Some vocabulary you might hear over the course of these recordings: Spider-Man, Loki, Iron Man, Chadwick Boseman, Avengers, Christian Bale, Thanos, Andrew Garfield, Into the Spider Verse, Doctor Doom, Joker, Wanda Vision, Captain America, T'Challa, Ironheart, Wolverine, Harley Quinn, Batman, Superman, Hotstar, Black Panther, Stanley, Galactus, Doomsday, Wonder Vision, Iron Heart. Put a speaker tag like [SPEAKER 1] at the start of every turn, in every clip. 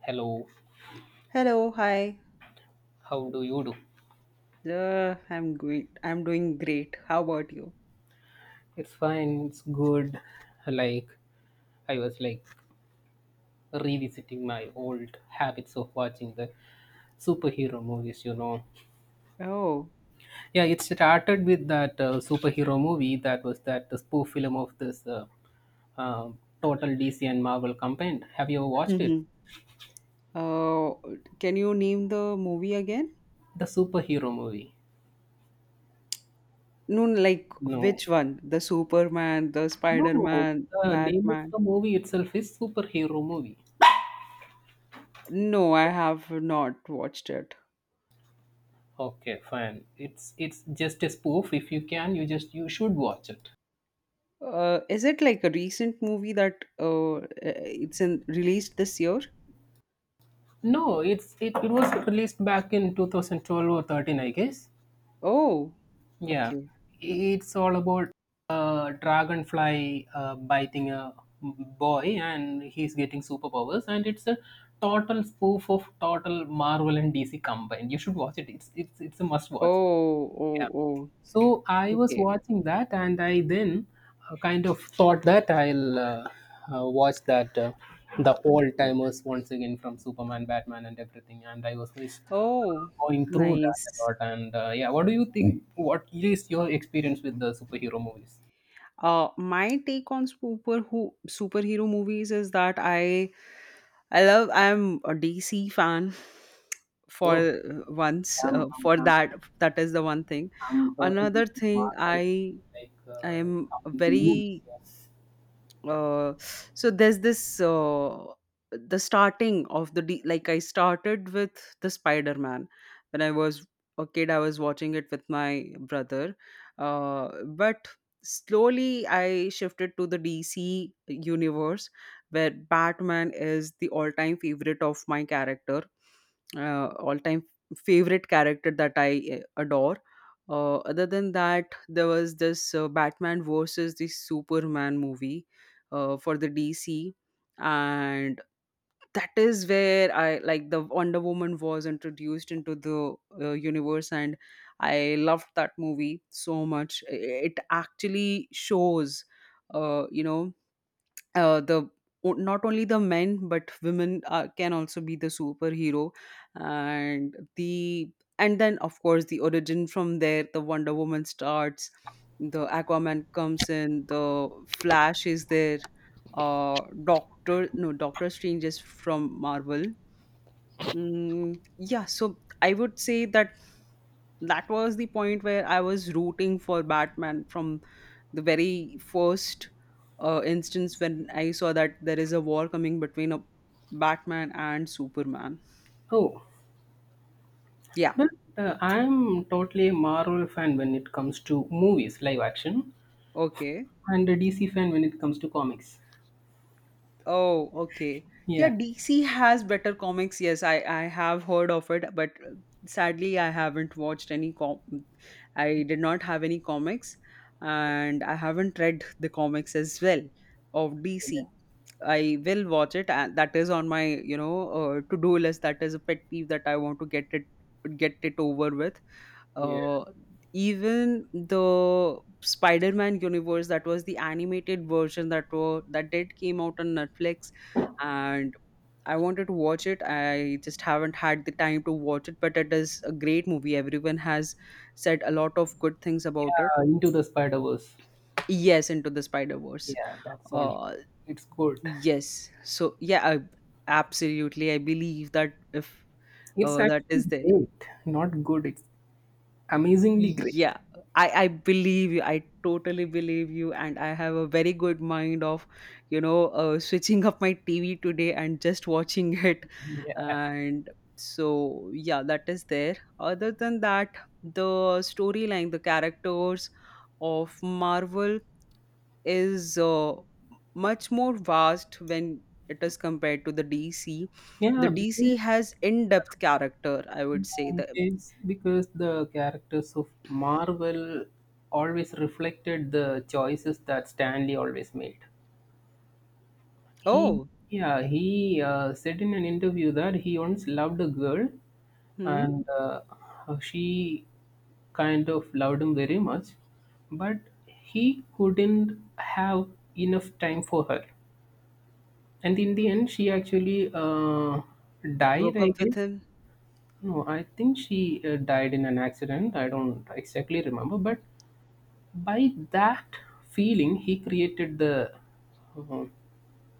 [SPEAKER 1] Hello,
[SPEAKER 2] Hello, hi.
[SPEAKER 1] how do you do?
[SPEAKER 2] I'm great. I'm doing great. How about you?
[SPEAKER 1] It's fine, it's good. Like I was like Revisiting my old habits of watching the superhero movies.
[SPEAKER 2] Oh.
[SPEAKER 1] Yeah, it started with that superhero movie that was that the spoof film of this uh, total DC and Marvel combined. Have you ever watched it?
[SPEAKER 2] Mhm. uh, can you name the movie again?
[SPEAKER 1] The superhero movie.
[SPEAKER 2] No, no, like
[SPEAKER 1] No,
[SPEAKER 2] which one? The Superman, the
[SPEAKER 1] no,
[SPEAKER 2] Spider-Man,
[SPEAKER 1] the name of
[SPEAKER 2] Batman?
[SPEAKER 1] the movie itself is superhero movie.
[SPEAKER 2] No, I have not watched it.
[SPEAKER 1] Okay, fine. It's just a spoof. If you can, you should watch it.
[SPEAKER 2] Is it like a recent movie that it's in released this year?
[SPEAKER 1] No, it was released back in 2012 or 13, I guess.
[SPEAKER 2] Oh,
[SPEAKER 1] Yeah,
[SPEAKER 2] okay.
[SPEAKER 1] it's all about a dragonfly biting a boy, and he's getting superpowers. And it's a total spoof of total Marvel and DC combined. You should watch it. It's a must watch.
[SPEAKER 2] Oh,
[SPEAKER 1] Yeah.
[SPEAKER 2] oh, oh.
[SPEAKER 1] So I was
[SPEAKER 2] Okay.
[SPEAKER 1] watching that, and I then kind of thought that I'll watch that the old timers once again from Superman, Batman, and everything. And I was just
[SPEAKER 2] Oh,
[SPEAKER 1] going through that a
[SPEAKER 2] nice.
[SPEAKER 1] lot. And yeah, what do you think? What is your experience with the superhero movies?
[SPEAKER 2] My take on superhero movies is that I love. I'm a DC fan for
[SPEAKER 1] Oh,
[SPEAKER 2] once,
[SPEAKER 1] I'm I'm,
[SPEAKER 2] for
[SPEAKER 1] I'm,
[SPEAKER 2] that. That is the one thing.
[SPEAKER 1] I'm totally
[SPEAKER 2] Another thing,
[SPEAKER 1] Marvel,
[SPEAKER 2] I I am
[SPEAKER 1] coming to movies.
[SPEAKER 2] very,
[SPEAKER 1] Yes.
[SPEAKER 2] uh, so there's this, the starting of like I started with the Spider Man when I was a kid. I was watching it with my brother, but slowly I shifted to the DC universe where Batman is the all-time favorite of my character, all-time favorite character that I adore. Other than that, there was this Batman versus the Superman movie, for the DC, and that is where I, like, the Wonder Woman was introduced into the universe, and I loved that movie so much. It actually shows, uh, you know, the not only the men but women can also be the superhero, and the and then of course the origin from there, the Wonder Woman starts, the Aquaman comes in, the Flash is there, doctor no Doctor Strange is from Marvel. Yeah, so I would say that that was the point where I was rooting for Batman from the very first instance when I saw that there is a war coming between a Batman and Superman.
[SPEAKER 1] Oh,
[SPEAKER 2] Yeah.
[SPEAKER 1] well, I'm totally a Marvel fan when it comes to movies, live action,
[SPEAKER 2] Okay.
[SPEAKER 1] and a DC fan when it comes to comics.
[SPEAKER 2] Oh, okay. Yeah,
[SPEAKER 1] Yeah,
[SPEAKER 2] DC has better comics. Yes, I have heard of it, but sadly I haven't watched any com I did not have any comics, and I haven't read the comics as well of
[SPEAKER 1] yeah,
[SPEAKER 2] DC. I will watch it, and that is on my, to do list. That is a pet peeve that I want to get it over with.
[SPEAKER 1] yeah.
[SPEAKER 2] Uh, even the Spider-Man universe, that was the animated version that were that did came out on Netflix, and I wanted to watch it. I just haven't had the time to watch it, but it is a great movie. Everyone has said a lot of good things about it.
[SPEAKER 1] Into the Spider Verse.
[SPEAKER 2] Yes, Into the Spider Verse.
[SPEAKER 1] Yeah, that's funny.
[SPEAKER 2] Uh,
[SPEAKER 1] It's good.
[SPEAKER 2] Yes. So yeah, I absolutely, I believe that if,
[SPEAKER 1] It's
[SPEAKER 2] that
[SPEAKER 1] actually
[SPEAKER 2] is there.
[SPEAKER 1] great. Not good. It's amazingly great.
[SPEAKER 2] Yeah, I believe you. I totally believe you, and I have a very good mind of, switching up my TV today and just watching it,
[SPEAKER 1] Yeah,
[SPEAKER 2] and so yeah, that is there. Other than that, the storyline, the characters of Marvel is, much more vast when it is compared to the DC. The
[SPEAKER 1] yeah.
[SPEAKER 2] DC
[SPEAKER 1] Because
[SPEAKER 2] has in-depth character, I would say. That.
[SPEAKER 1] because because the characters of Marvel always reflected the choices that Stanley always made. He
[SPEAKER 2] Oh.
[SPEAKER 1] yeah, he said in an interview that he once loved a girl
[SPEAKER 2] Hmm.
[SPEAKER 1] and she kind of loved him very much, but he couldn't have enough time for her. And in the end, she actually died,
[SPEAKER 2] Broke
[SPEAKER 1] I
[SPEAKER 2] up with
[SPEAKER 1] guess.
[SPEAKER 2] him.
[SPEAKER 1] No, I think she died in an accident. I don't exactly remember, but by that feeling, he created the uh,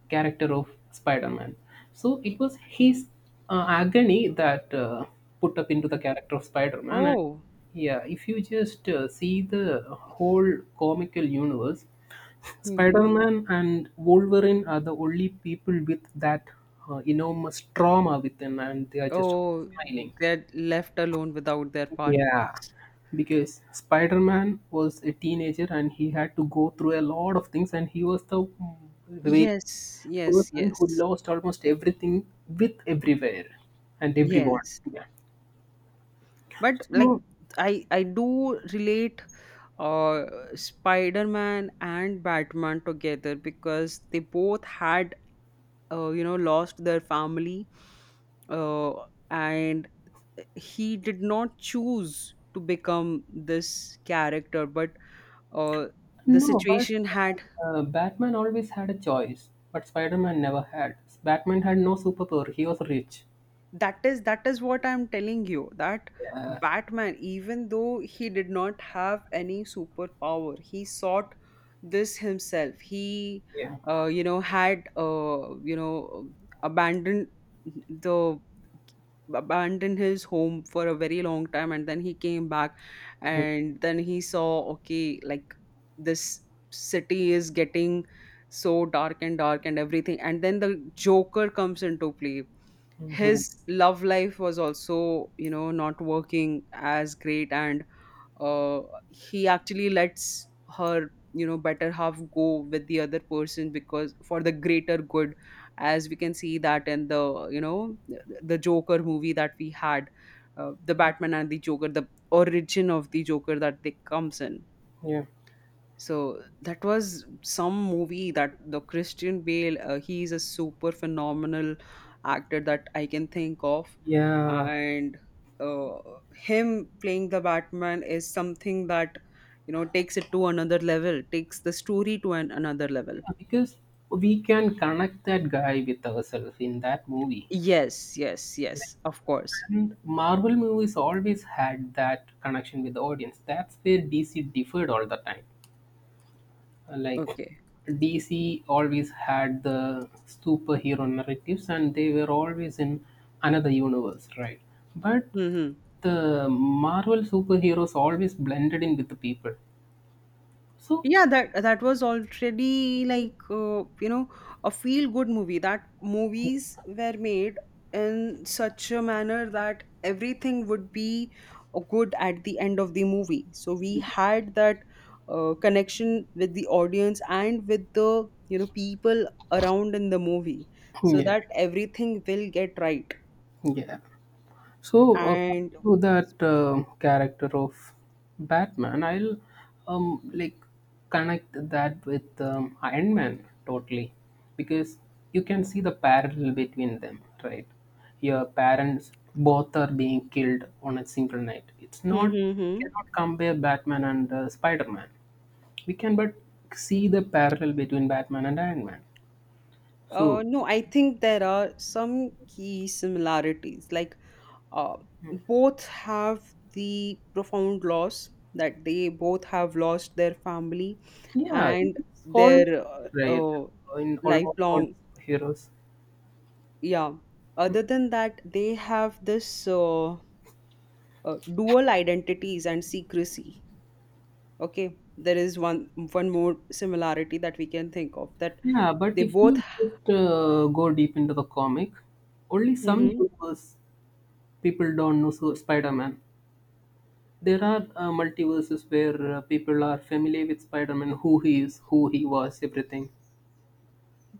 [SPEAKER 1] character of Spider-Man. So it was his agony that put up into the character of Spider-Man. And
[SPEAKER 2] Oh.
[SPEAKER 1] yeah, if you just see the whole comical universe,
[SPEAKER 2] Hmm.
[SPEAKER 1] Spider-Man and Wolverine are the only people with that enormous trauma within, and they are just
[SPEAKER 2] Oh.
[SPEAKER 1] smiling.
[SPEAKER 2] They're left alone without their
[SPEAKER 1] Yeah,
[SPEAKER 2] partners.
[SPEAKER 1] because Spider Man was a teenager and he had to go through a lot of things, and he was the very
[SPEAKER 2] Yes, yes,
[SPEAKER 1] person who
[SPEAKER 2] yes,
[SPEAKER 1] lost almost everything with everywhere and everyone.
[SPEAKER 2] yes.
[SPEAKER 1] Yeah.
[SPEAKER 2] But like,
[SPEAKER 1] So,
[SPEAKER 2] I do relate, uh Spider-Man and Batman together because they both had, lost their family, uh, and he did not choose to become this character but, uh, the
[SPEAKER 1] no, but
[SPEAKER 2] situation had.
[SPEAKER 1] Batman always had a choice, but Spider Man never had. Batman had no superpower, he was rich.
[SPEAKER 2] That is, that is what I'm telling you, that Batman, even though he did not have any superpower, he sought this himself. He,
[SPEAKER 1] Yeah.
[SPEAKER 2] had, abandoned the abandoned his home for a very long time and then he came back, and then he saw, okay, like this city is getting so dark and dark and everything, and then the Joker comes into play. His
[SPEAKER 1] Mhm.
[SPEAKER 2] love life was also, you know, not working as great, and uh, he actually lets her, you know, better half go with the other person because for the greater good, as we can see that in the, you know, the Joker movie that we had, the Batman and the Joker, the origin of the Joker that they comes in.
[SPEAKER 1] Yeah.
[SPEAKER 2] So that was some movie that the Christian Bale, he is a super phenomenal actor that I can think of.
[SPEAKER 1] Yeah.
[SPEAKER 2] And uh, him playing the Batman is something that, you know, takes it to another level, takes the story to another level.
[SPEAKER 1] Yeah, because we can connect that guy with ourselves in that movie.
[SPEAKER 2] Yes, yes, yes, of course.
[SPEAKER 1] And Marvel movies always had that connection with the audience. That's where DC differed all the time. Like
[SPEAKER 2] Okay.
[SPEAKER 1] DC always had the superhero narratives and they were always in another universe, right? But
[SPEAKER 2] Hmm.
[SPEAKER 1] the Marvel superheroes always blended in with the people. So
[SPEAKER 2] Yeah, that, that was already like, a feel good movie. That movies were made in such a manner that everything would be good at the end of the movie, so we
[SPEAKER 1] yeah,
[SPEAKER 2] had that connection with the audience and with the, you know, people around in the movie, so
[SPEAKER 1] yeah,
[SPEAKER 2] that everything will get right.
[SPEAKER 1] yeah. So, coming
[SPEAKER 2] And
[SPEAKER 1] to that character of Batman, I'll um, like connect that with Iron Man totally because you can see the parallel between them, right? Your parents both are being killed on a single night. It's
[SPEAKER 2] hmm,
[SPEAKER 1] not,
[SPEAKER 2] hmm,
[SPEAKER 1] we
[SPEAKER 2] hmm.
[SPEAKER 1] cannot compare Batman and Spider Man. We can, but see the parallel between Batman and Iron Man.
[SPEAKER 2] Uh,
[SPEAKER 1] So,
[SPEAKER 2] no, I think there are some key similarities. Like, uh, both have the profound loss, that they both have lost their family,
[SPEAKER 1] yeah,
[SPEAKER 2] and
[SPEAKER 1] it's all
[SPEAKER 2] their
[SPEAKER 1] right in almost all
[SPEAKER 2] lifelong.
[SPEAKER 1] heroes.
[SPEAKER 2] Yeah, other than that, they have this, dual identities and secrecy. Okay, there is one more similarity that we can think of, that
[SPEAKER 1] Yeah, but
[SPEAKER 2] they
[SPEAKER 1] if
[SPEAKER 2] both.
[SPEAKER 1] you just go deep into the comic, only some universe people don't know so Spider-Man. There are multiverses where people are familiar with Spider-Man, who he is, who he was, everything.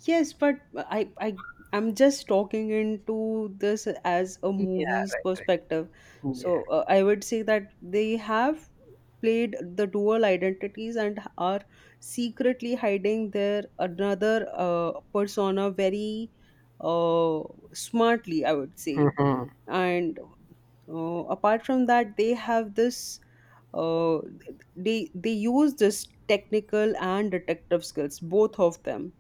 [SPEAKER 2] Yes, but I I I'm just talking into this as a
[SPEAKER 1] Yeah,
[SPEAKER 2] movie's
[SPEAKER 1] right, right.
[SPEAKER 2] perspective.
[SPEAKER 1] Yeah.
[SPEAKER 2] So I would say that they have played the dual identities and are secretly hiding their another, persona very, uh, smartly, I would say.
[SPEAKER 1] Mm-hmm.
[SPEAKER 2] And apart from that, they have this, uh, they use this technical and detective skills, both of them,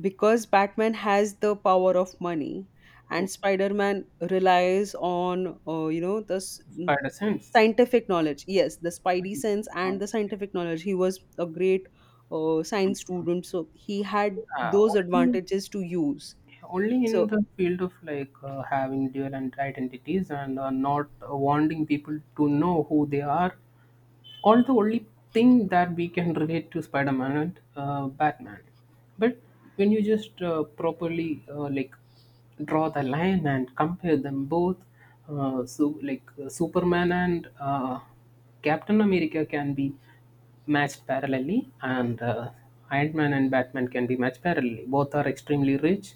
[SPEAKER 2] because Batman has the power of money, and Spider-Man relies on, the, mm,
[SPEAKER 1] Spider sense.
[SPEAKER 2] scientific knowledge. Yes, the spidey sense and
[SPEAKER 1] Um,
[SPEAKER 2] the scientific knowledge. He was a great, science student, so he had
[SPEAKER 1] Yeah,
[SPEAKER 2] those
[SPEAKER 1] only,
[SPEAKER 2] advantages to use.
[SPEAKER 1] only in
[SPEAKER 2] So
[SPEAKER 1] the field of having dual and identities and not wanting people to know who they are, all only thing that we can relate to Spider-Man and Batman. But when you just properly draw the line and compare them both, Superman and Captain America can be matched parallelly, and Iron Man and Batman can be matched parallelly. Both are extremely rich,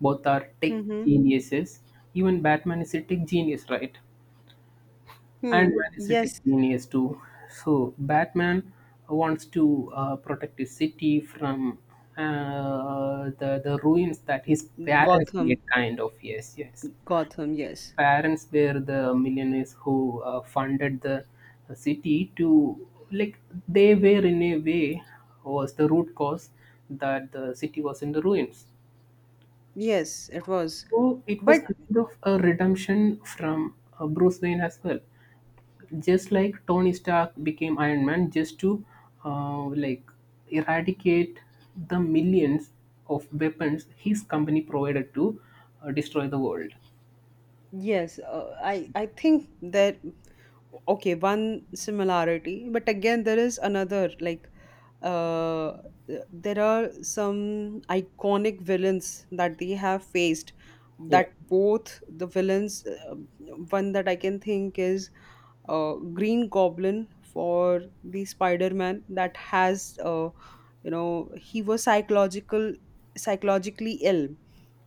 [SPEAKER 1] both are tech
[SPEAKER 2] hmm.
[SPEAKER 1] geniuses. Even Batman is a tech genius, right? And
[SPEAKER 2] Hmm.
[SPEAKER 1] man is a tech
[SPEAKER 2] Yes.
[SPEAKER 1] genius too. So Batman wants to protect his city from the ruins that his parents
[SPEAKER 2] Gotham.
[SPEAKER 1] made. Kind of, yes, yes.
[SPEAKER 2] Gotham,
[SPEAKER 1] His
[SPEAKER 2] yes.
[SPEAKER 1] parents were the millionaires who funded the city to, like, they were in a way was the root cause that the city was in the ruins.
[SPEAKER 2] Yes, it was,
[SPEAKER 1] So it was
[SPEAKER 2] but.
[SPEAKER 1] kind of a redemption from Bruce Wayne as well, just like Tony Stark became Iron Man just to uh, like eradicate the millions of weapons his company provided to destroy the world.
[SPEAKER 2] Yes, I think that, okay, one similarity, but again there is another, like, uh, there are some iconic villains that they have faced,
[SPEAKER 1] Yeah.
[SPEAKER 2] that both the villains, one that I can think is, Green Goblin for the Spider-Man, that has, he was psychologically ill.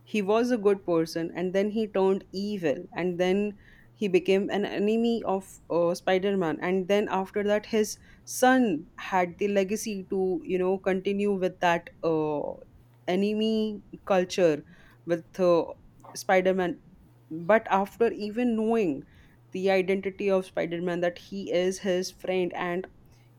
[SPEAKER 2] He was a good person and then he turned evil, and then he became an enemy of, Spider-Man, and then after that his son had the legacy to, you know, continue with that, enemy culture with, Spider-Man. But after even knowing the identity of Spider-Man, that he is his friend, and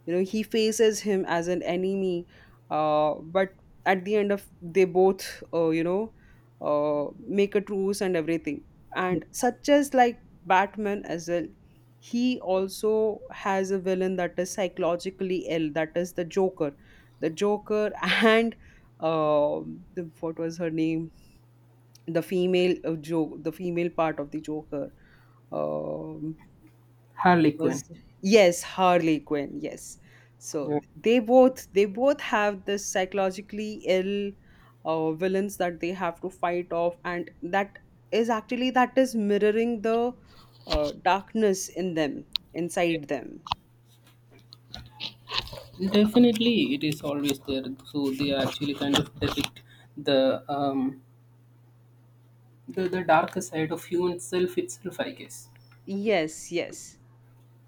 [SPEAKER 2] you know he faces him as an enemy, but at the end of, they both, uh, you know make a truce and everything. And such as like Batman as well, he also has a villain that is psychologically ill, that is the Joker, the Joker and um, the, what was her name, the female the female part of the Joker, um,
[SPEAKER 1] Harley
[SPEAKER 2] was.
[SPEAKER 1] Quinn.
[SPEAKER 2] Yes, Harley Quinn, yes. So
[SPEAKER 1] Yeah.
[SPEAKER 2] they both, they both have this psychologically ill, villains that they have to fight off, and that is actually, that is mirroring the darkness in them, inside them.
[SPEAKER 1] Definitely, it is always there. So they actually kind of depict the um, the darker side of human self itself, I guess.
[SPEAKER 2] Yes, yes.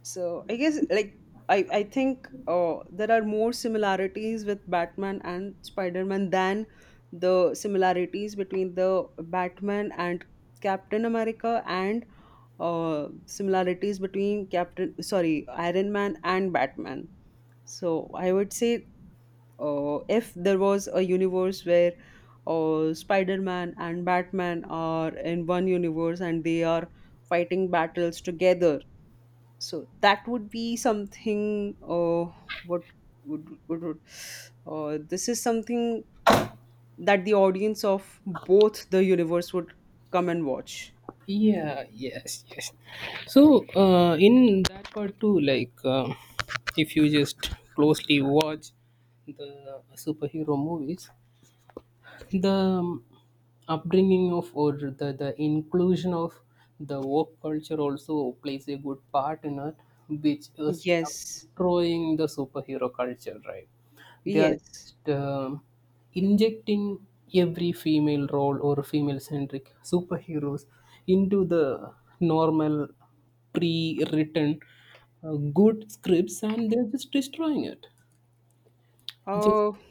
[SPEAKER 2] So I guess like, I think, there are more similarities with Batman and Spider-Man than the similarities between the Batman and Captain America, and similarities between Captain, sorry, Iron Man and Batman. So I would say, if there was a universe where, Spider Man and Batman are in one universe and they are fighting battles together, so that would be something. What would, this is something that the audience of both the universe would come and watch.
[SPEAKER 1] Yeah, yes, yes. So in that part too, if you just closely watch the superhero movies, the upbringing of, or the inclusion of the woke culture also plays a good part in it, which is
[SPEAKER 2] Yes,
[SPEAKER 1] destroying the superhero culture, right? They are
[SPEAKER 2] yes.
[SPEAKER 1] just injecting every female role or female centric superheroes into the normal pre-written uh, good scripts and they're just destroying it. Just
[SPEAKER 2] Uh.
[SPEAKER 1] like,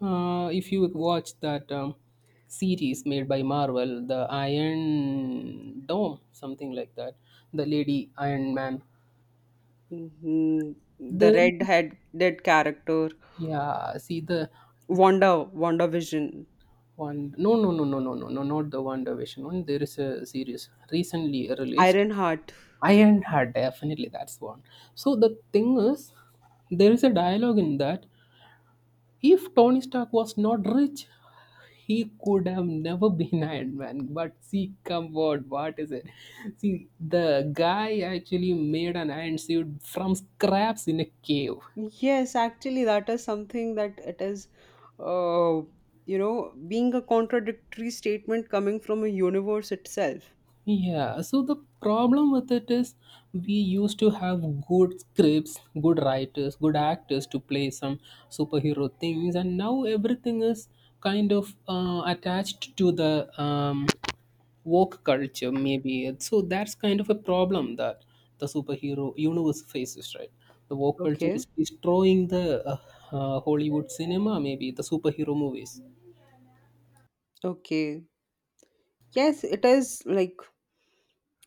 [SPEAKER 1] if you watch that series made by Marvel, the Iron Dome, something like that, the Lady Iron Man.
[SPEAKER 2] Mhm. The
[SPEAKER 1] The
[SPEAKER 2] red head character.
[SPEAKER 1] yeah, see, the
[SPEAKER 2] Wanda, Wanda Vision,
[SPEAKER 1] one. No, no, no, no, no, no, no, not the Wonder Vision one. There is a series recently released.
[SPEAKER 2] Ironheart.
[SPEAKER 1] Iron Heart, definitely that's one. So the thing is, there is a dialogue in that: if Tony Stark was not rich, he could have never been Iron Man. But see, come on, what is it? See, the guy actually made an iron suit from scraps in a cave.
[SPEAKER 2] Yes, actually, that is something that it is, uh, being a contradictory statement coming from a universe itself.
[SPEAKER 1] Yeah, so the problem with it is we used to have good scripts, good writers, good actors to play some superhero things, and now everything is kind of attached to the woke culture, maybe. So that's kind of a problem that the superhero universe faces, right? The woke culture
[SPEAKER 2] Okay.
[SPEAKER 1] is destroying the Hollywood cinema, maybe the superhero movies.
[SPEAKER 2] Okay. Yes, it is like,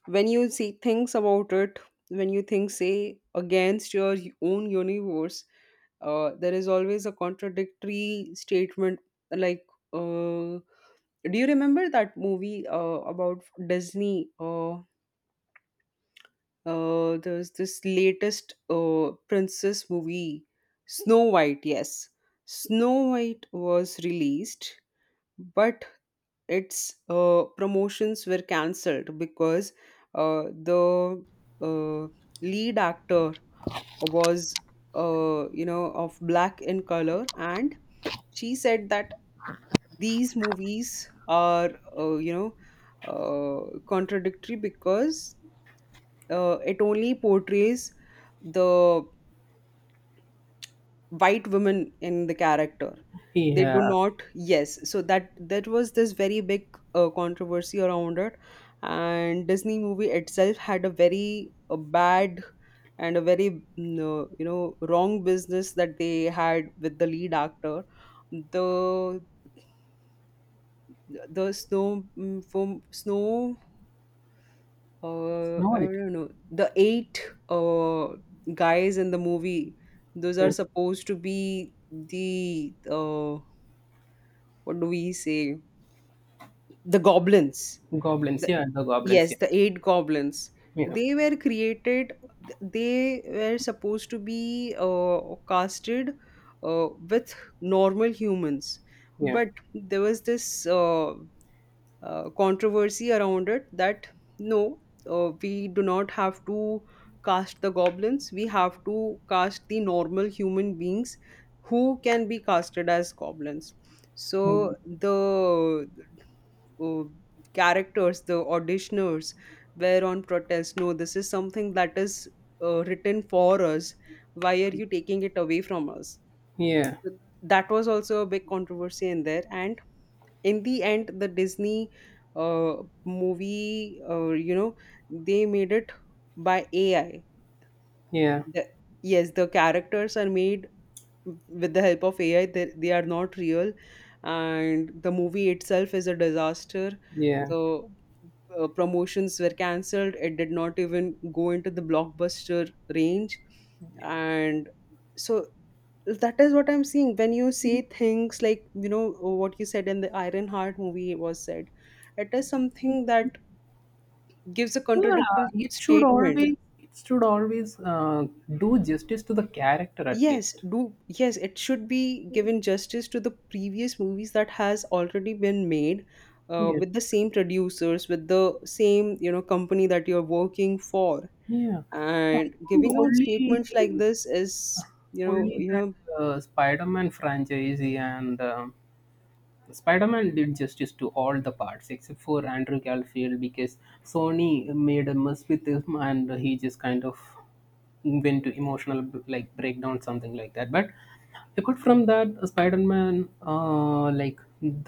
[SPEAKER 2] when you see things about it, when you think, say, against your own universe, there is always a contradictory statement, like, uh, do you remember that movie about Disney, there's this latest princess movie, Snow White. Yes, Snow White was released, but its promotions were cancelled because the uh, lead actor was, of black in color, and she said that these movies are, uh, you know contradictory, because it only portrays the white women in the character. They do
[SPEAKER 1] Yeah,
[SPEAKER 2] not. Yes, so that, that was this very big controversy around it. And Disney movie itself had a very bad and a very wrong business that they had with the lead actor, the the snow, from Snow,
[SPEAKER 1] it's
[SPEAKER 2] I
[SPEAKER 1] not.
[SPEAKER 2] don't know, the 8 uh, guys in the movie, those are
[SPEAKER 1] Yeah.
[SPEAKER 2] supposed to be the, what do we say the goblins.
[SPEAKER 1] Goblins,
[SPEAKER 2] The,
[SPEAKER 1] yeah, the goblins,
[SPEAKER 2] yes,
[SPEAKER 1] yeah.
[SPEAKER 2] the 8 goblins.
[SPEAKER 1] Yeah.
[SPEAKER 2] They were created, they were supposed to be casted uh, with normal humans,
[SPEAKER 1] Yeah.
[SPEAKER 2] but there was this controversy around it that no, we do not have to cast the goblins, we have to cast the normal human beings who can be casted as goblins. So
[SPEAKER 1] Mm,
[SPEAKER 2] the, uh, characters, the auditioners, were on protest. No, this is something that is written for us. Why are you taking it away from us?
[SPEAKER 1] yeah.
[SPEAKER 2] That was also a big controversy in there. And in the end the Disney uh, movie, they made it by ai.
[SPEAKER 1] Yeah.
[SPEAKER 2] the, yes, the characters are made with the help of ai. They are not real and the movie itself is a disaster.
[SPEAKER 1] Yeah.
[SPEAKER 2] The promotions were cancelled, it did not even go into the blockbuster range. And so that is what I'm seeing when you say things like, what you said in the Iron Heart movie was said, it is something that gives a
[SPEAKER 1] Yeah.
[SPEAKER 2] contradictory
[SPEAKER 1] It should
[SPEAKER 2] statement.
[SPEAKER 1] always, it should always do justice to the character at
[SPEAKER 2] Yes,
[SPEAKER 1] least.
[SPEAKER 2] do yes it should be given justice to the previous movies that has already been made
[SPEAKER 1] Yeah.
[SPEAKER 2] with the same producers, with the same, you know, company that you're working for.
[SPEAKER 1] Yeah. I
[SPEAKER 2] And giving
[SPEAKER 1] think
[SPEAKER 2] out statements like
[SPEAKER 1] only,
[SPEAKER 2] this is, you know
[SPEAKER 1] only
[SPEAKER 2] you
[SPEAKER 1] that
[SPEAKER 2] know
[SPEAKER 1] Spider-Man franchise and Spider-Man did justice to all the parts except for Andrew Garfield because Sony made a mess with him and he just kind of went to emotional like breakdown, something like that. But apart from that, Spider-Man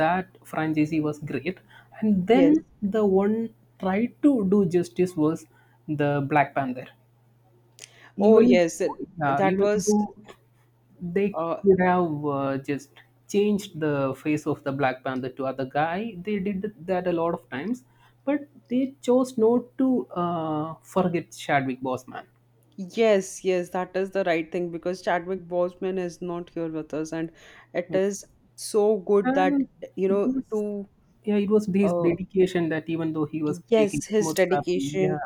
[SPEAKER 1] that franchise was great, and
[SPEAKER 2] Yes.
[SPEAKER 1] then the one tried to do justice was the Black Panther.
[SPEAKER 2] Oh,
[SPEAKER 1] Even
[SPEAKER 2] yes,
[SPEAKER 1] yeah,
[SPEAKER 2] that
[SPEAKER 1] even
[SPEAKER 2] was,
[SPEAKER 1] though they
[SPEAKER 2] uh,
[SPEAKER 1] could have just changed the face of the Black Panther to other guy, they did that a lot of times, but they chose not to forget Chadwick Boseman,
[SPEAKER 2] yes, yes, that is the right thing because Chadwick Boseman is not here with us, and it is so good that,
[SPEAKER 1] and
[SPEAKER 2] you
[SPEAKER 1] it
[SPEAKER 2] know
[SPEAKER 1] was
[SPEAKER 2] to
[SPEAKER 1] yeah, it was his
[SPEAKER 2] uh,
[SPEAKER 1] dedication that even though he was taking
[SPEAKER 2] yes, his
[SPEAKER 1] chemotherapy, yeah,
[SPEAKER 2] dedication.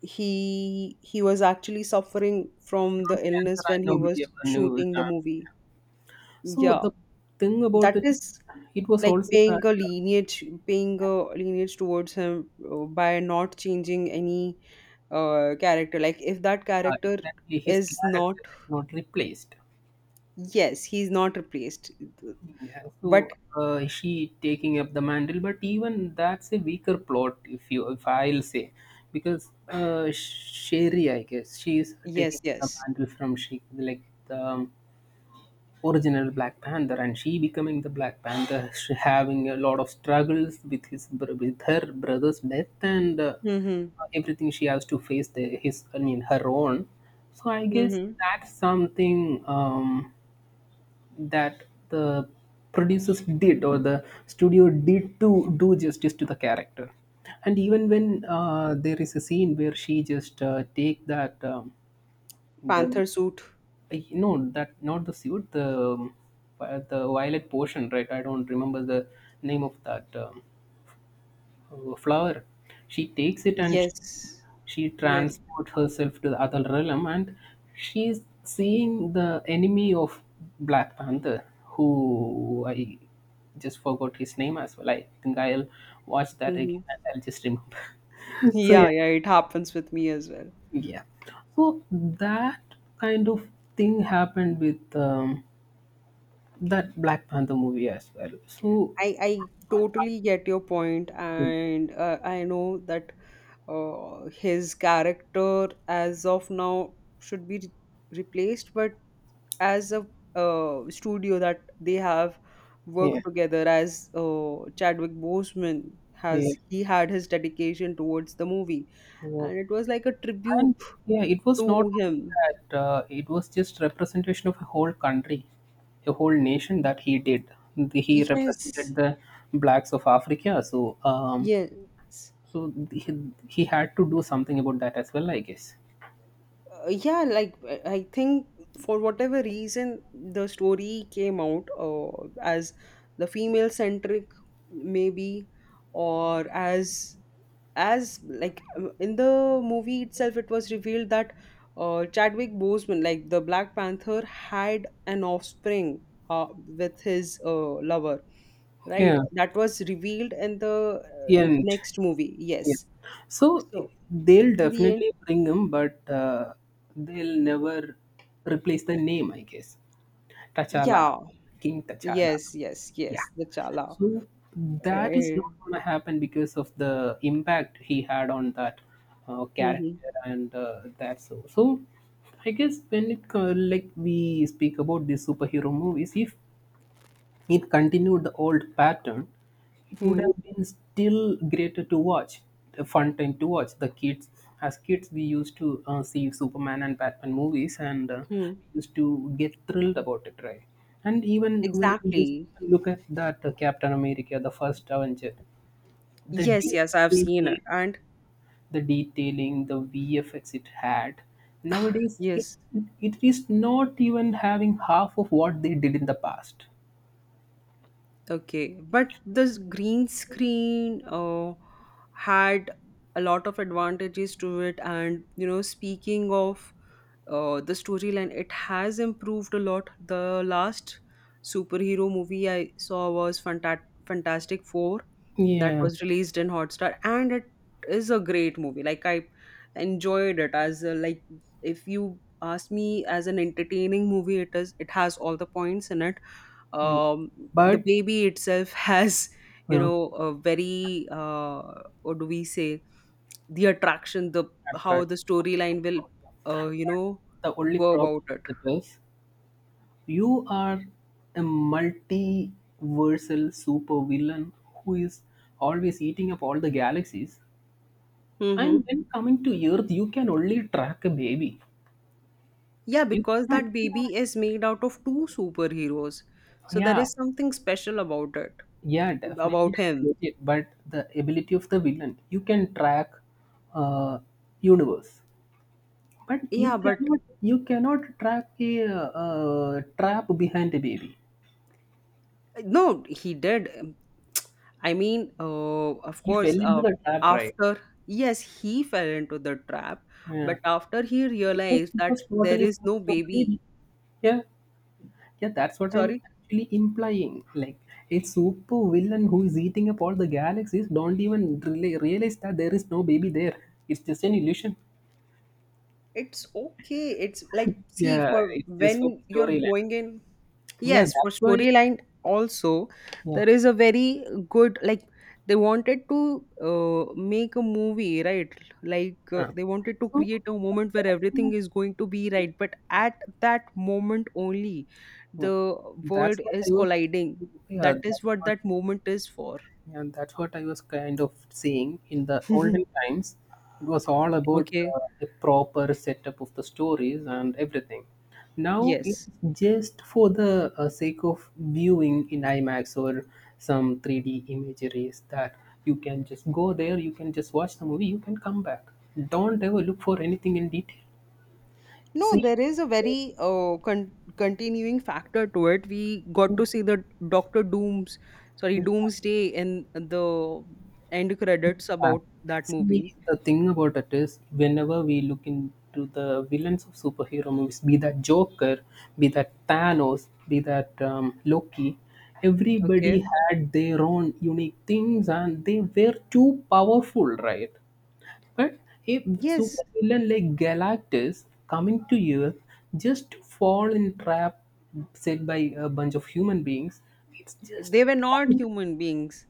[SPEAKER 2] He was actually suffering from
[SPEAKER 1] from
[SPEAKER 2] the
[SPEAKER 1] cancer
[SPEAKER 2] illness when
[SPEAKER 1] and
[SPEAKER 2] he
[SPEAKER 1] nobody
[SPEAKER 2] was
[SPEAKER 1] ever knew it.
[SPEAKER 2] shooting the
[SPEAKER 1] Uh,
[SPEAKER 2] movie.
[SPEAKER 1] so
[SPEAKER 2] Yeah,
[SPEAKER 1] the thing about
[SPEAKER 2] that
[SPEAKER 1] it,
[SPEAKER 2] is
[SPEAKER 1] it was
[SPEAKER 2] like
[SPEAKER 1] also that. Uh,
[SPEAKER 2] paying a lineage towards him by not changing any character. Like if that
[SPEAKER 1] uh,
[SPEAKER 2] character
[SPEAKER 1] exactly, his
[SPEAKER 2] is not,
[SPEAKER 1] character is not replaced.
[SPEAKER 2] yes, he's not replaced.
[SPEAKER 1] Yeah,
[SPEAKER 2] But
[SPEAKER 1] so she taking up the mantle, but even that's a weaker plot, if I'll say, because Sherry, I guess, she's
[SPEAKER 2] yes,
[SPEAKER 1] taking the
[SPEAKER 2] yes.
[SPEAKER 1] mantle from she, like, the original Black Panther, and she becoming the Black Panther, she having a lot of struggles with with her brother's death and
[SPEAKER 2] Mm-hmm.
[SPEAKER 1] everything she has to face the, his, I mean her own. So I guess
[SPEAKER 2] Mm-hmm.
[SPEAKER 1] that's something that the producers did or the studio did to do justice to the character. And even when there is a scene where she just take that the
[SPEAKER 2] Panther suit.
[SPEAKER 1] I- no that, not the suit, the the violet portion, right? I don't remember the name of that flower. She takes it and
[SPEAKER 2] Yes.
[SPEAKER 1] she
[SPEAKER 2] Yes.
[SPEAKER 1] transports herself to the other realm, and she's seeing the enemy of Black Panther, who I just forgot his name as well. I think I'll watch that
[SPEAKER 2] Mm-hmm.
[SPEAKER 1] again and I'll just remember. So
[SPEAKER 2] Yeah,
[SPEAKER 1] yeah,
[SPEAKER 2] yeah, it happens with me as well.
[SPEAKER 1] yeah, so that kind of thing happened with that Black Panther movie as well. So
[SPEAKER 2] I totally get your point, and I know that his character as of now should be re- replaced, but as a studio that they have
[SPEAKER 1] yeah,
[SPEAKER 2] worked together as, Chadwick Boseman
[SPEAKER 1] yeah,
[SPEAKER 2] has he had his dedication towards the movie
[SPEAKER 1] yeah.
[SPEAKER 2] and it was like a tribute
[SPEAKER 1] And yeah, it was
[SPEAKER 2] to
[SPEAKER 1] not only
[SPEAKER 2] him.
[SPEAKER 1] that, it was just representation of a whole country, a whole nation that he did. He
[SPEAKER 2] Yes,
[SPEAKER 1] represented the blacks of Africa, so
[SPEAKER 2] yes.
[SPEAKER 1] so he had to do something about that as well, I guess.
[SPEAKER 2] Yeah, like I think for whatever reason the story came out as the female centric, maybe, or as like in the movie itself, it was revealed that, Chadwick Boseman, like the Black Panther, had an offspring with his lover, right?
[SPEAKER 1] Yeah,
[SPEAKER 2] That was revealed in the
[SPEAKER 1] and
[SPEAKER 2] next movie.
[SPEAKER 1] yeah.
[SPEAKER 2] Yes.
[SPEAKER 1] So
[SPEAKER 2] So
[SPEAKER 1] they'll
[SPEAKER 2] in the end,
[SPEAKER 1] definitely bring him, but they'll never replace the name, I guess. T'Challa,
[SPEAKER 2] yeah.
[SPEAKER 1] King T'Challa.
[SPEAKER 2] Yes, yes,
[SPEAKER 1] Yeah.
[SPEAKER 2] yes, the Chala.
[SPEAKER 1] So that is
[SPEAKER 2] Eh,
[SPEAKER 1] not going to happen because of the impact he had on that
[SPEAKER 2] mhm,
[SPEAKER 1] character and that so. So I guess when it co- like we speak about these superhero movies, if it continued the old pattern, it would
[SPEAKER 2] hmm,
[SPEAKER 1] have been still greater to watch, a fun time to watch. The kids, as kids, we used to see Superman and Batman movies, and
[SPEAKER 2] hmm.
[SPEAKER 1] we used to get thrilled about it, right? And even when we just
[SPEAKER 2] Exactly.
[SPEAKER 1] look at that Captain America, the first Avenger, the
[SPEAKER 2] Yes, yes, I've seen
[SPEAKER 1] detailing,
[SPEAKER 2] it. And
[SPEAKER 1] the VFX it had. Nowadays,
[SPEAKER 2] yes,
[SPEAKER 1] it is not even having half of what they did in the past.
[SPEAKER 2] okay. But this green screen had a lot of advantages to it. And, you know, speaking of the storyline, it has improved a lot. The last superhero movie I saw was Fantastic Four that
[SPEAKER 1] Yeah.
[SPEAKER 2] was released in Hotstar, and it is a great movie. Like I enjoyed it as a, like if you ask me as an entertaining movie, it has all the points in it. Um, the
[SPEAKER 1] But
[SPEAKER 2] baby itself has, you
[SPEAKER 1] yeah.
[SPEAKER 2] know, a very, what do we say, the attraction, the how the
[SPEAKER 1] Attractions of a
[SPEAKER 2] storyline will,
[SPEAKER 1] superpower.
[SPEAKER 2] uh, you know
[SPEAKER 1] The only
[SPEAKER 2] go
[SPEAKER 1] problem
[SPEAKER 2] about it.
[SPEAKER 1] with it is you are a multiversal supervillain who is always eating up all the galaxies.
[SPEAKER 2] Mm-hmm.
[SPEAKER 1] And when coming to Earth, you can only track a baby.
[SPEAKER 2] Yeah,
[SPEAKER 1] You
[SPEAKER 2] because
[SPEAKER 1] cannot.
[SPEAKER 2] that baby is made out of two superheroes. So there
[SPEAKER 1] Yeah,
[SPEAKER 2] is something special about it,
[SPEAKER 1] yeah, definitely.
[SPEAKER 2] about
[SPEAKER 1] I
[SPEAKER 2] him.
[SPEAKER 1] get it. But the ability of the villain, you can track uh, universe. But
[SPEAKER 2] Yeah, but
[SPEAKER 1] you cannot trap a trap behind the baby.
[SPEAKER 2] no, he did. I mean, of
[SPEAKER 1] He fell
[SPEAKER 2] course,
[SPEAKER 1] into the trap, right?
[SPEAKER 2] after, yes, he fell into the trap,
[SPEAKER 1] Yeah,
[SPEAKER 2] but after he
[SPEAKER 1] because
[SPEAKER 2] realized
[SPEAKER 1] he
[SPEAKER 2] that
[SPEAKER 1] was
[SPEAKER 2] there
[SPEAKER 1] totally
[SPEAKER 2] is no
[SPEAKER 1] focused on the
[SPEAKER 2] baby,
[SPEAKER 1] baby. Yeah, yeah, that's what I'm
[SPEAKER 2] sorry,
[SPEAKER 1] actually implying. Like a super villain who is eating up all the galaxies don't even really realize that there is no baby there. It's just an illusion.
[SPEAKER 2] it's okay. It's like, see,
[SPEAKER 1] Yeah,
[SPEAKER 2] for
[SPEAKER 1] it's just for
[SPEAKER 2] when you're
[SPEAKER 1] storyline.
[SPEAKER 2] going in,
[SPEAKER 1] Yeah,
[SPEAKER 2] yes, for
[SPEAKER 1] that's why.
[SPEAKER 2] storyline also,
[SPEAKER 1] Yeah,
[SPEAKER 2] there is a very good, like, they wanted to make a movie, right? Like
[SPEAKER 1] yeah.
[SPEAKER 2] they wanted to
[SPEAKER 1] So
[SPEAKER 2] create a moment where everything
[SPEAKER 1] that's
[SPEAKER 2] is going to be right, but at that moment only,
[SPEAKER 1] oh,
[SPEAKER 2] the
[SPEAKER 1] that's
[SPEAKER 2] world
[SPEAKER 1] what
[SPEAKER 2] is
[SPEAKER 1] I was.
[SPEAKER 2] colliding.
[SPEAKER 1] Yeah,
[SPEAKER 2] That
[SPEAKER 1] that's
[SPEAKER 2] is what
[SPEAKER 1] what,
[SPEAKER 2] that moment is for.
[SPEAKER 1] yeah, that's what I was kind of saying. In the olden times, it was all about
[SPEAKER 2] Okay.
[SPEAKER 1] a proper setup of the stories and everything. Now
[SPEAKER 2] Yes.
[SPEAKER 1] it's just for the sake of viewing in IMAX or some 3D imageries that you can just go there, you can just watch the movie, you can come back. Don't ever look for anything in detail.
[SPEAKER 2] No,
[SPEAKER 1] See,
[SPEAKER 2] there is a very continuing factor to it. We got to see the Doctor Doom's, sorry,
[SPEAKER 1] uh,
[SPEAKER 2] Doomsday in the end credits
[SPEAKER 1] yeah.
[SPEAKER 2] about that movie.
[SPEAKER 1] See, the thing about it is, whenever we look into the villains of superhero movies, be that Joker, be that Thanos, be that Loki, everybody
[SPEAKER 2] Okay.
[SPEAKER 1] had their own unique things and they were too powerful, right? But a super
[SPEAKER 2] Yes,
[SPEAKER 1] villain like Galactus coming to Earth just to fall in trap set by a bunch of human beings, it's just
[SPEAKER 2] they were not human beings.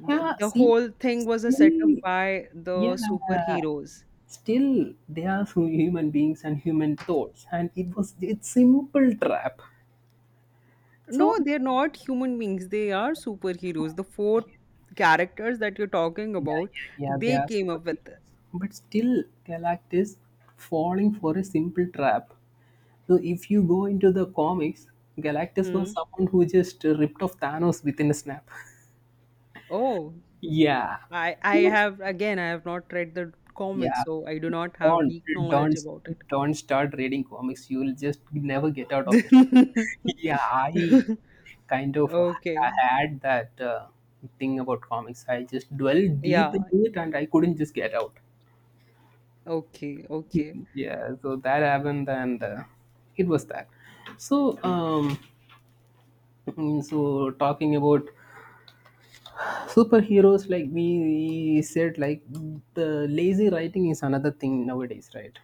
[SPEAKER 1] yeah.
[SPEAKER 2] The
[SPEAKER 1] See,
[SPEAKER 2] whole thing was a setup
[SPEAKER 1] still
[SPEAKER 2] by the
[SPEAKER 1] yeah,
[SPEAKER 2] superheroes.
[SPEAKER 1] still they are human beings and human thoughts and it was it's simple trap
[SPEAKER 2] No,
[SPEAKER 1] so
[SPEAKER 2] they're not human beings. They are superheroes. The four characters that you're talking
[SPEAKER 1] yeah,
[SPEAKER 2] about,
[SPEAKER 1] yeah, yeah, they
[SPEAKER 2] they
[SPEAKER 1] are
[SPEAKER 2] came up with. It.
[SPEAKER 1] superheroes but still Galactus falling for a simple trap. So if you go into the comics, Galactus was
[SPEAKER 2] Hmm.
[SPEAKER 1] someone who just ripped off Thanos within a snap.
[SPEAKER 2] Oh,
[SPEAKER 1] yeah,
[SPEAKER 2] I
[SPEAKER 1] so,
[SPEAKER 2] have again I have not read the comics,
[SPEAKER 1] yeah,
[SPEAKER 2] so I do not have
[SPEAKER 1] don't
[SPEAKER 2] deep knowledge
[SPEAKER 1] don't
[SPEAKER 2] about it.
[SPEAKER 1] don't start reading comics, you'll just never get out of it. Yeah, I kind of
[SPEAKER 2] Okay.
[SPEAKER 1] ha- had that thing about comics. I just dwelled deep
[SPEAKER 2] Yeah.
[SPEAKER 1] into it and I couldn't just get out.
[SPEAKER 2] Okay. Okay.
[SPEAKER 1] yeah, so that happened and it was that. So, so talking about superheroes, like we said, like the lazy writing is another thing nowadays, right?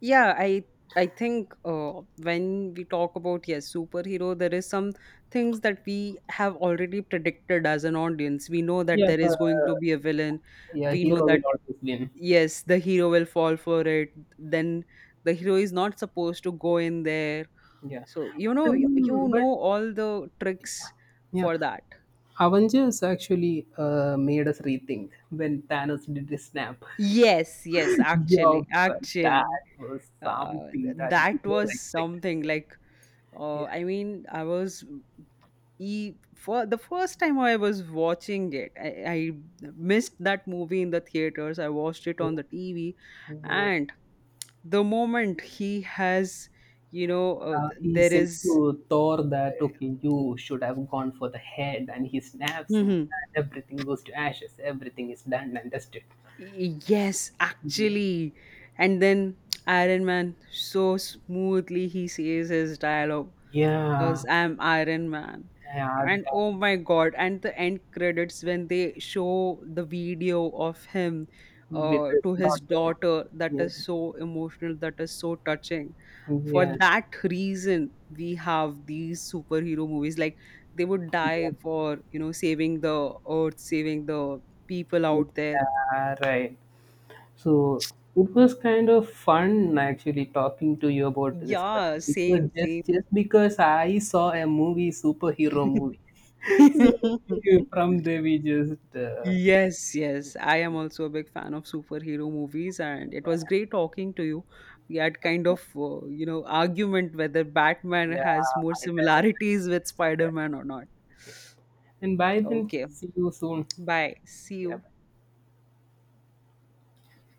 [SPEAKER 2] Yeah, I think when we talk about, yes, superhero, there is some things that we have already predicted as an audience. We know that
[SPEAKER 1] Yeah,
[SPEAKER 2] there is
[SPEAKER 1] but,
[SPEAKER 2] going to be a villain.
[SPEAKER 1] yeah,
[SPEAKER 2] We know
[SPEAKER 1] hero
[SPEAKER 2] that,
[SPEAKER 1] will always win.
[SPEAKER 2] yes, the hero will fall for it. Then the hero is not supposed to go in there.
[SPEAKER 1] Yeah.
[SPEAKER 2] So, you know, you
[SPEAKER 1] But
[SPEAKER 2] know all the tricks
[SPEAKER 1] yeah.
[SPEAKER 2] for that.
[SPEAKER 1] Avengers actually made us rethink when Thanos did his snap.
[SPEAKER 2] Yes, yes,
[SPEAKER 1] yeah,
[SPEAKER 2] actually,
[SPEAKER 1] but that
[SPEAKER 2] actually,
[SPEAKER 1] was
[SPEAKER 2] uh,
[SPEAKER 1] something that we
[SPEAKER 2] that
[SPEAKER 1] never
[SPEAKER 2] was
[SPEAKER 1] expected,
[SPEAKER 2] something
[SPEAKER 1] right?
[SPEAKER 2] like,
[SPEAKER 1] Yeah.
[SPEAKER 2] I mean, I was e for the first time I was watching it. I missed that movie in the theaters. I watched it on the TV,
[SPEAKER 1] Mm.
[SPEAKER 2] and the moment he has, you know,
[SPEAKER 1] He
[SPEAKER 2] there
[SPEAKER 1] said
[SPEAKER 2] is.
[SPEAKER 1] to Thor that, okay, you should have gone for the head, and he snaps, so that everything goes to ashes, everything is done and dusted.
[SPEAKER 2] Y- Yes,
[SPEAKER 1] Mhm.
[SPEAKER 2] actually. And then Iron Man, so smoothly he says his dialogue because
[SPEAKER 1] Yeah,
[SPEAKER 2] I'm Iron Man.
[SPEAKER 1] yeah,
[SPEAKER 2] And
[SPEAKER 1] that
[SPEAKER 2] oh my god, and the end credits when they show the video of him,
[SPEAKER 1] with his
[SPEAKER 2] to his
[SPEAKER 1] daughter.
[SPEAKER 2] daughter, that
[SPEAKER 1] Yeah,
[SPEAKER 2] is so emotional, that is so touching. For
[SPEAKER 1] yeah,
[SPEAKER 2] that reason, we have these superhero movies. Like they would
[SPEAKER 1] yeah,
[SPEAKER 2] die for, you know, saving the earth, saving the people out there.
[SPEAKER 1] yeah, right. So it was kind of fun actually talking to you about this, right?
[SPEAKER 2] Yeah,
[SPEAKER 1] Because
[SPEAKER 2] same, same.
[SPEAKER 1] just because I saw a movie superhero movie. So, from there we just
[SPEAKER 2] Yes, yes. I am also a big fan of superhero movies, and it was great talking to you. We had kind of, you know, argument whether Batman
[SPEAKER 1] yeah,
[SPEAKER 2] has more
[SPEAKER 1] I'll tell us,
[SPEAKER 2] similarities with
[SPEAKER 1] yeah.
[SPEAKER 2] Spider-Man or not.
[SPEAKER 1] Okay. And bye then,
[SPEAKER 2] Okay,
[SPEAKER 1] see you soon.
[SPEAKER 2] bye. See
[SPEAKER 1] Yeah,
[SPEAKER 2] you.
[SPEAKER 1] bye.